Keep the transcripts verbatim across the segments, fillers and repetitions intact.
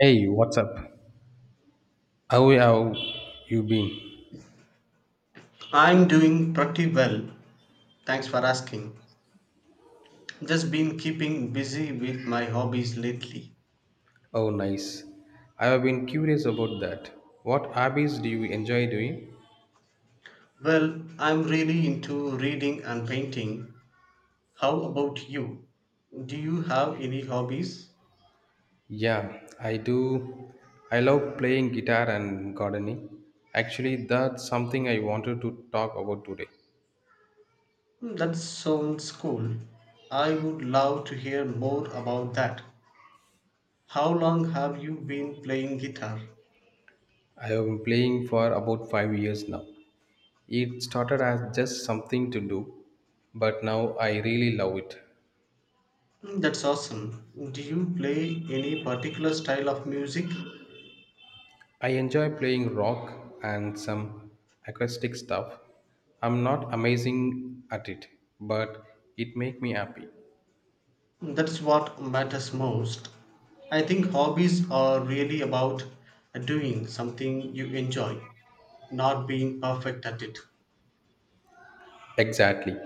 Hey, what's up? How have you been? I'm doing pretty well. Thanks for asking. Just been keeping busy with my hobbies lately. Oh, nice. I have been curious about that. What hobbies do you enjoy doing? Well, I'm really into reading and painting. How about you? Do you have any hobbies? Yeah, I do. I love playing guitar and gardening. Actually, that's something I wanted to talk about today. Hmm, That sounds cool. I would love to hear more about that. How long have you been playing guitar? I have been playing for about five years now. It started as just something to do, but now I really love it. Hmm, That's awesome. Do you play any particular style of music? I enjoy playing rock and some acoustic stuff. I'm not amazing at it, but it makes me happy. That's what matters most. I think hobbies are really about doing something you enjoy, not being perfect at it. Exactly.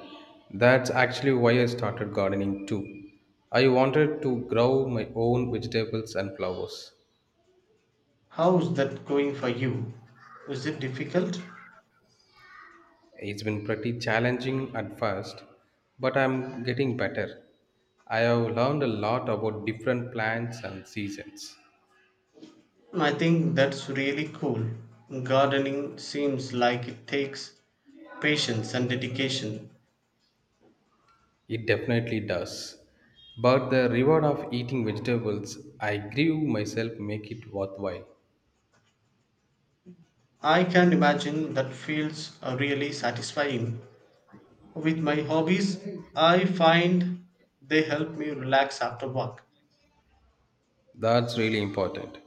That's actually why I started gardening too. I wanted to grow my own vegetables and flowers. How's that going for you? Is it difficult? It's been pretty challenging at first, but I'm getting better. I have learned a lot about different plants and seasons. I think that's really cool. Gardening seems like it takes patience and dedication. It definitely does. But the reward of eating vegetables I grew myself make it worthwhile. I can imagine that feels uh, really satisfying. With my hobbies, I find they help me relax after work. That's really important.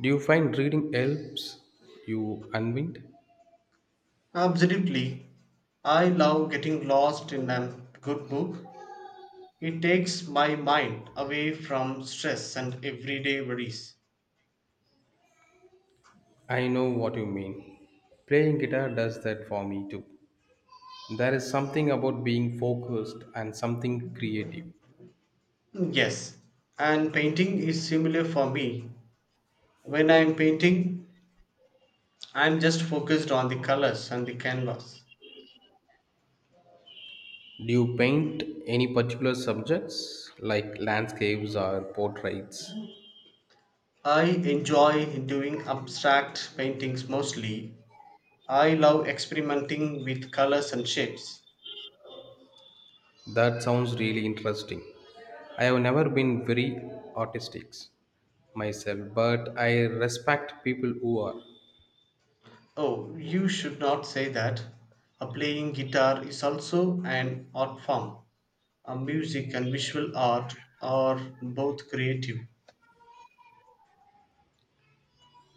Do you find reading helps you unwind? Absolutely. I love getting lost in a good book. It takes my mind away from stress and everyday worries. I know what you mean. Playing guitar does that for me too. There is something about being focused and something creative. Yes, and painting is similar for me. When I'm painting, I'm just focused on the colors and the canvas. Do you paint any particular subjects like landscapes or portraits? I enjoy doing abstract paintings mostly. I love experimenting with colors and shapes. That sounds really interesting. I have never been very artistic myself, but I respect people who are. Oh, you should not say that. A playing guitar is also an art form. A music and visual art are both creative.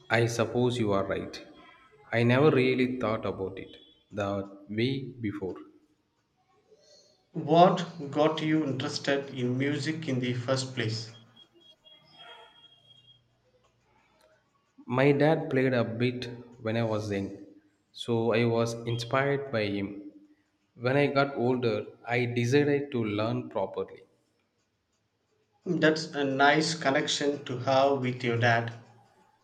I suppose you are right. I never really thought about it that way before. What got you interested in music in the first place? My dad played a bit when I was young, so I was inspired by him. When I got older, I decided to learn properly. That's a nice connection to have with your dad.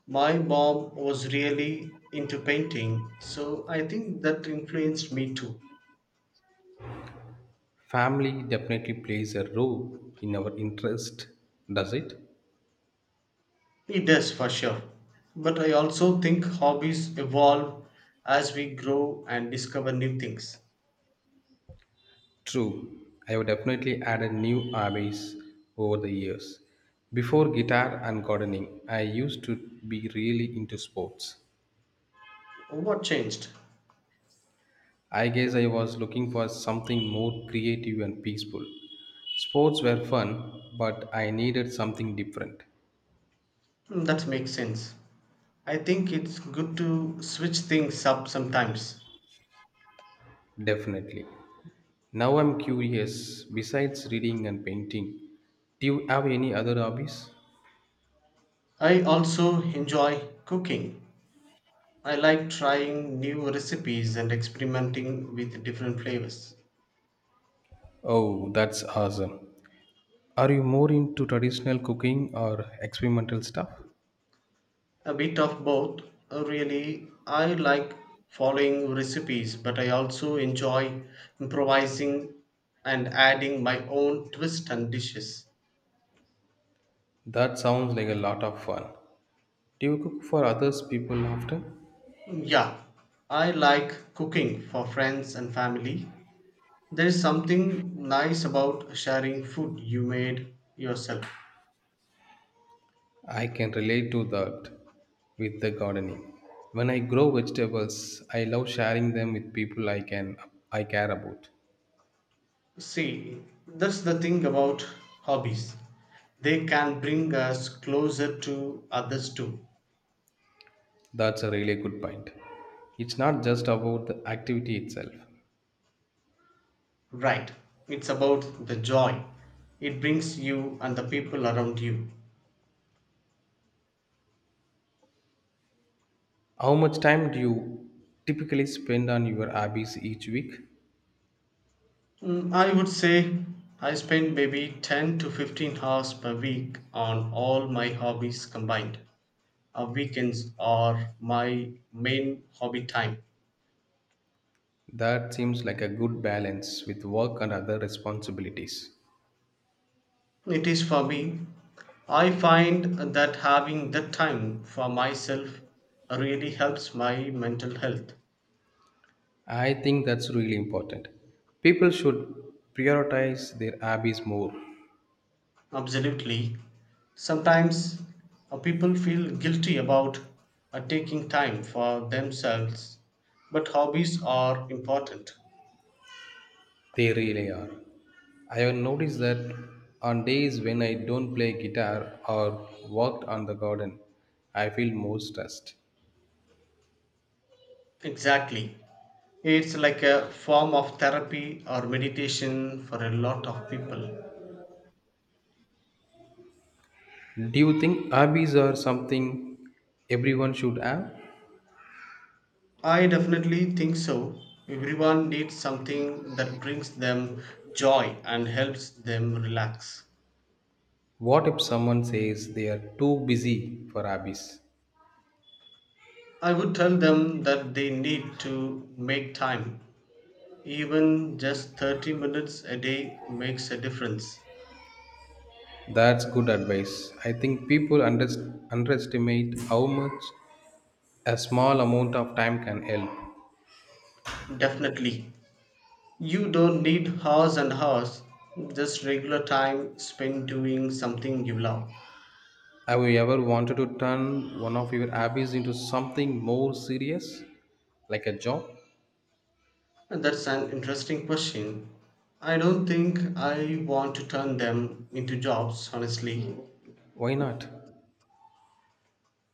My mom was really into painting, so I think that influenced me too. Family definitely plays a role in our interest, does it? It does for sure. But I also think hobbies evolve as we grow and discover new things. True, I have definitely added new hobbies over the years. Before guitar and gardening, I used to be really into sports. What changed? I guess I was looking for something more creative and peaceful. Sports were fun, but I needed something different, Hmm, That makes sense. I think it's good to switch things up sometimes. definitely. Now I'm curious, besides reading and painting, do you have any other hobbies? I also enjoy cooking. I like trying new recipes and experimenting with different flavors. Oh, that's awesome. Are you more into traditional cooking or experimental stuff? A bit of both. Uh, Really, I like following recipes, but I also enjoy improvising and adding my own twist and dishes. That sounds like a lot of fun. Do you cook for others people often? Mm, yeah, I like cooking for friends and family. There is something nice about sharing food you made yourself. I can relate to that with the gardening. When I grow vegetables, I love sharing them with people I can I care about. See, that's the thing about hobbies. They can bring us closer to others too. That's a really good point. It's not just about the activity itself. Right. It's about the joy it brings you and the people around you. How much time do you typically spend on your hobbies each week? Mm, I would say I spend maybe ten to fifteen hours per week on all my hobbies combined. Uh, weekends are my main hobby time. That seems like a good balance with work and other responsibilities. It is for me. I find that having that time for myself really helps my mental health. I think that's really important. People should prioritize their hobbies more. Absolutely. Sometimes uh, people feel guilty about uh, taking time for themselves, but hobbies are important. They really are. I have noticed that on days when I don't play guitar or worked on the garden, I feel more stressed. Exactly. It's like a form of therapy or meditation for a lot of people. Do you think hobbies are something everyone should have? I definitely think so. Everyone needs something that brings them joy and helps them relax. What if someone says they are too busy for hobbies? I would tell them that they need to make time. Even just thirty minutes a day makes a difference. That's good advice. I think people under- underestimate how much a small amount of time can help. Definitely. You don't need hours and hours, just regular time spent doing something you love. Have you ever wanted to turn one of your hobbies into something more serious, like a job? And that's an interesting question. I don't think I want to turn them into jobs, honestly. Why not?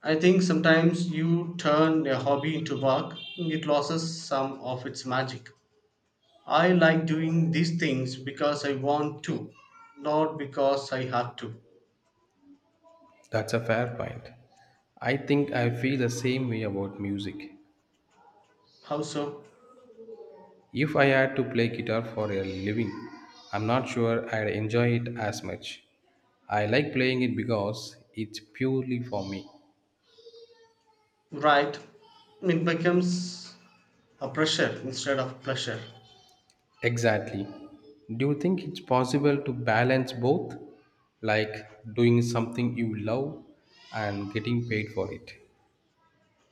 I think sometimes you turn a hobby into work, it loses some of its magic. I like doing these things because I want to, not because I have to. That's a fair point. I think I feel the same way about music. How so? If I had to play guitar for a living, I'm not sure I'd enjoy it as much. I like playing it because it's purely for me. Right. It becomes a pressure instead of pleasure. Exactly. Do you think it's possible to balance both? Like doing something you love and getting paid for it?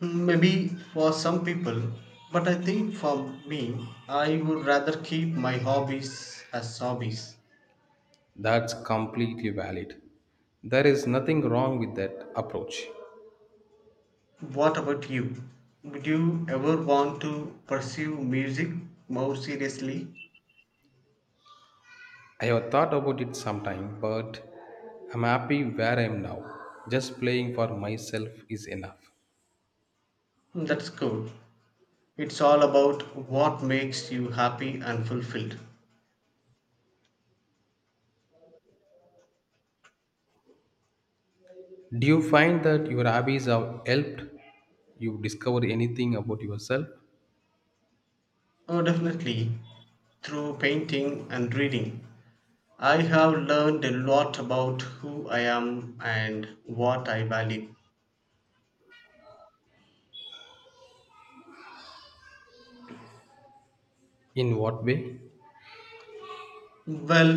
Maybe for some people, but I think for me, I would rather keep my hobbies as hobbies. That's completely valid. There is nothing wrong with that approach. What about you? Would you ever want to pursue music more seriously? I have thought about it sometime, but I'm happy where I am now. Just playing for myself is enough. That's cool. It's all about what makes you happy and fulfilled. Do you find that your hobbies have helped you discover anything about yourself? Oh, definitely through painting and reading. I have learned a lot about who I am and what I value. In what way? Well,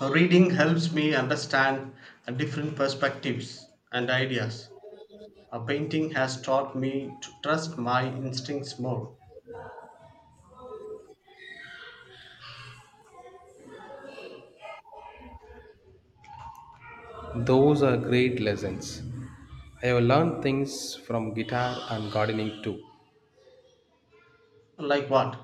reading helps me understand different perspectives and ideas. A painting has taught me to trust my instincts more. Those are great lessons. I have learned things from guitar and gardening too. Like what?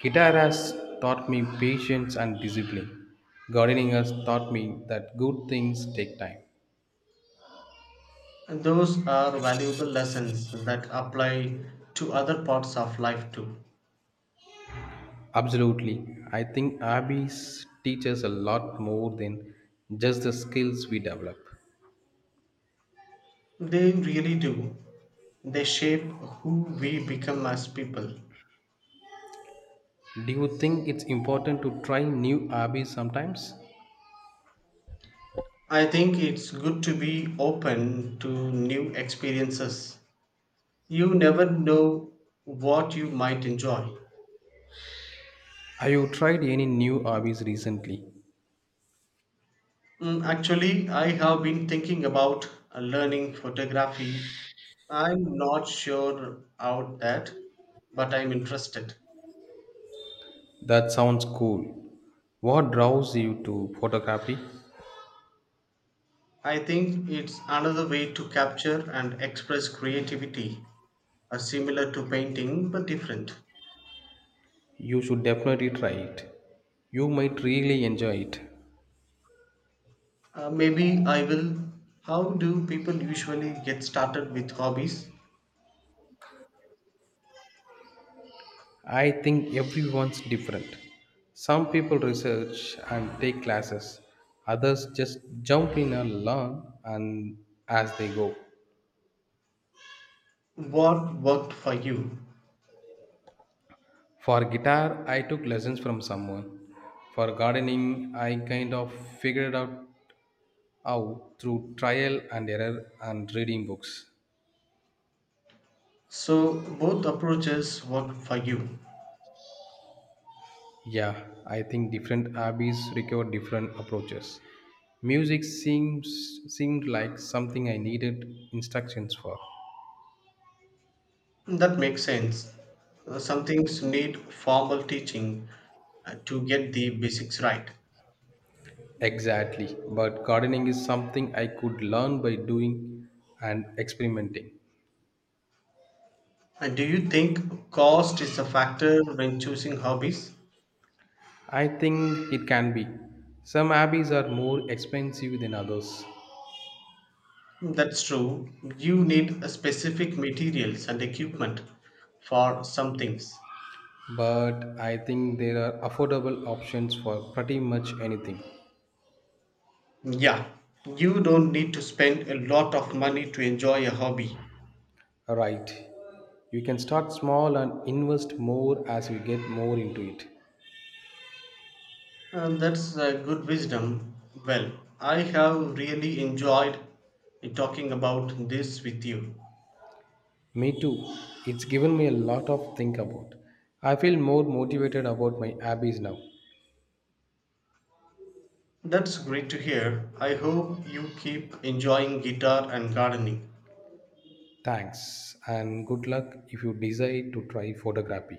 Guitar has taught me patience and discipline. Gardening has taught me that good things take time. Those are valuable lessons that apply to other parts of life too. Absolutely. I think hobbies teach us a lot more than just the skills we develop. They really do. They shape who we become as people. Do you think it's important to try new hobbies sometimes? I think it's good to be open to new experiences. You never know what you might enjoy. Have you tried any new hobbies recently? Mm, Actually, I have been thinking about uh, learning photography. I'm not sure about that, but I'm interested. That sounds cool. What draws you to photography? I think it's another way to capture and express creativity, uh, similar to painting but different. You should definitely try it. You might really enjoy it. Uh, maybe I will. How do people usually get started with hobbies? I think everyone's different. Some people research and take classes, others just jump in and learn and as they go. What worked for you? For guitar, I took lessons from someone. For gardening, I kind of figured out how through trial and error and reading books. So both approaches work for you. Yeah, I think different hobbies require different approaches. Music seems seemed like something I needed instructions for. That makes sense. Uh, Some things need formal teaching uh, to get the basics right. Exactly. But gardening is something I could learn by doing and experimenting. And do you think cost is a factor when choosing hobbies? I think it can be. Some hobbies are more expensive than others, That's true. You need a specific materials and equipment for some things. but I think there are affordable options for pretty much anything. Yeah, you don't need to spend a lot of money to enjoy a hobby. Right. You can start small and invest more as you get more into it. Uh, that's a good wisdom. Well, I have really enjoyed talking about this with you. Me too. It's given me a lot of think about. I feel more motivated about my hobbies now. That's great to hear. I hope you keep enjoying guitar and gardening. Thanks and good luck if you decide to try photography.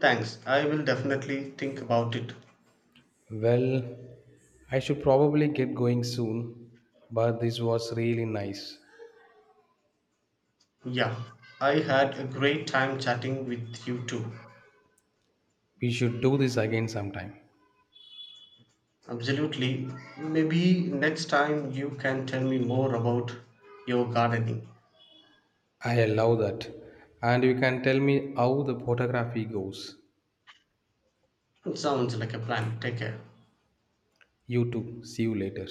Thanks. I will definitely think about it. Well, I should probably get going soon, but this was really nice. Yeah, I had a great time chatting with you too. We should do this again sometime. Absolutely. Maybe next time you can tell me more about your gardening. I allow that. And you can tell me how the photography goes. It sounds like a plan. Take care. You too. See you later.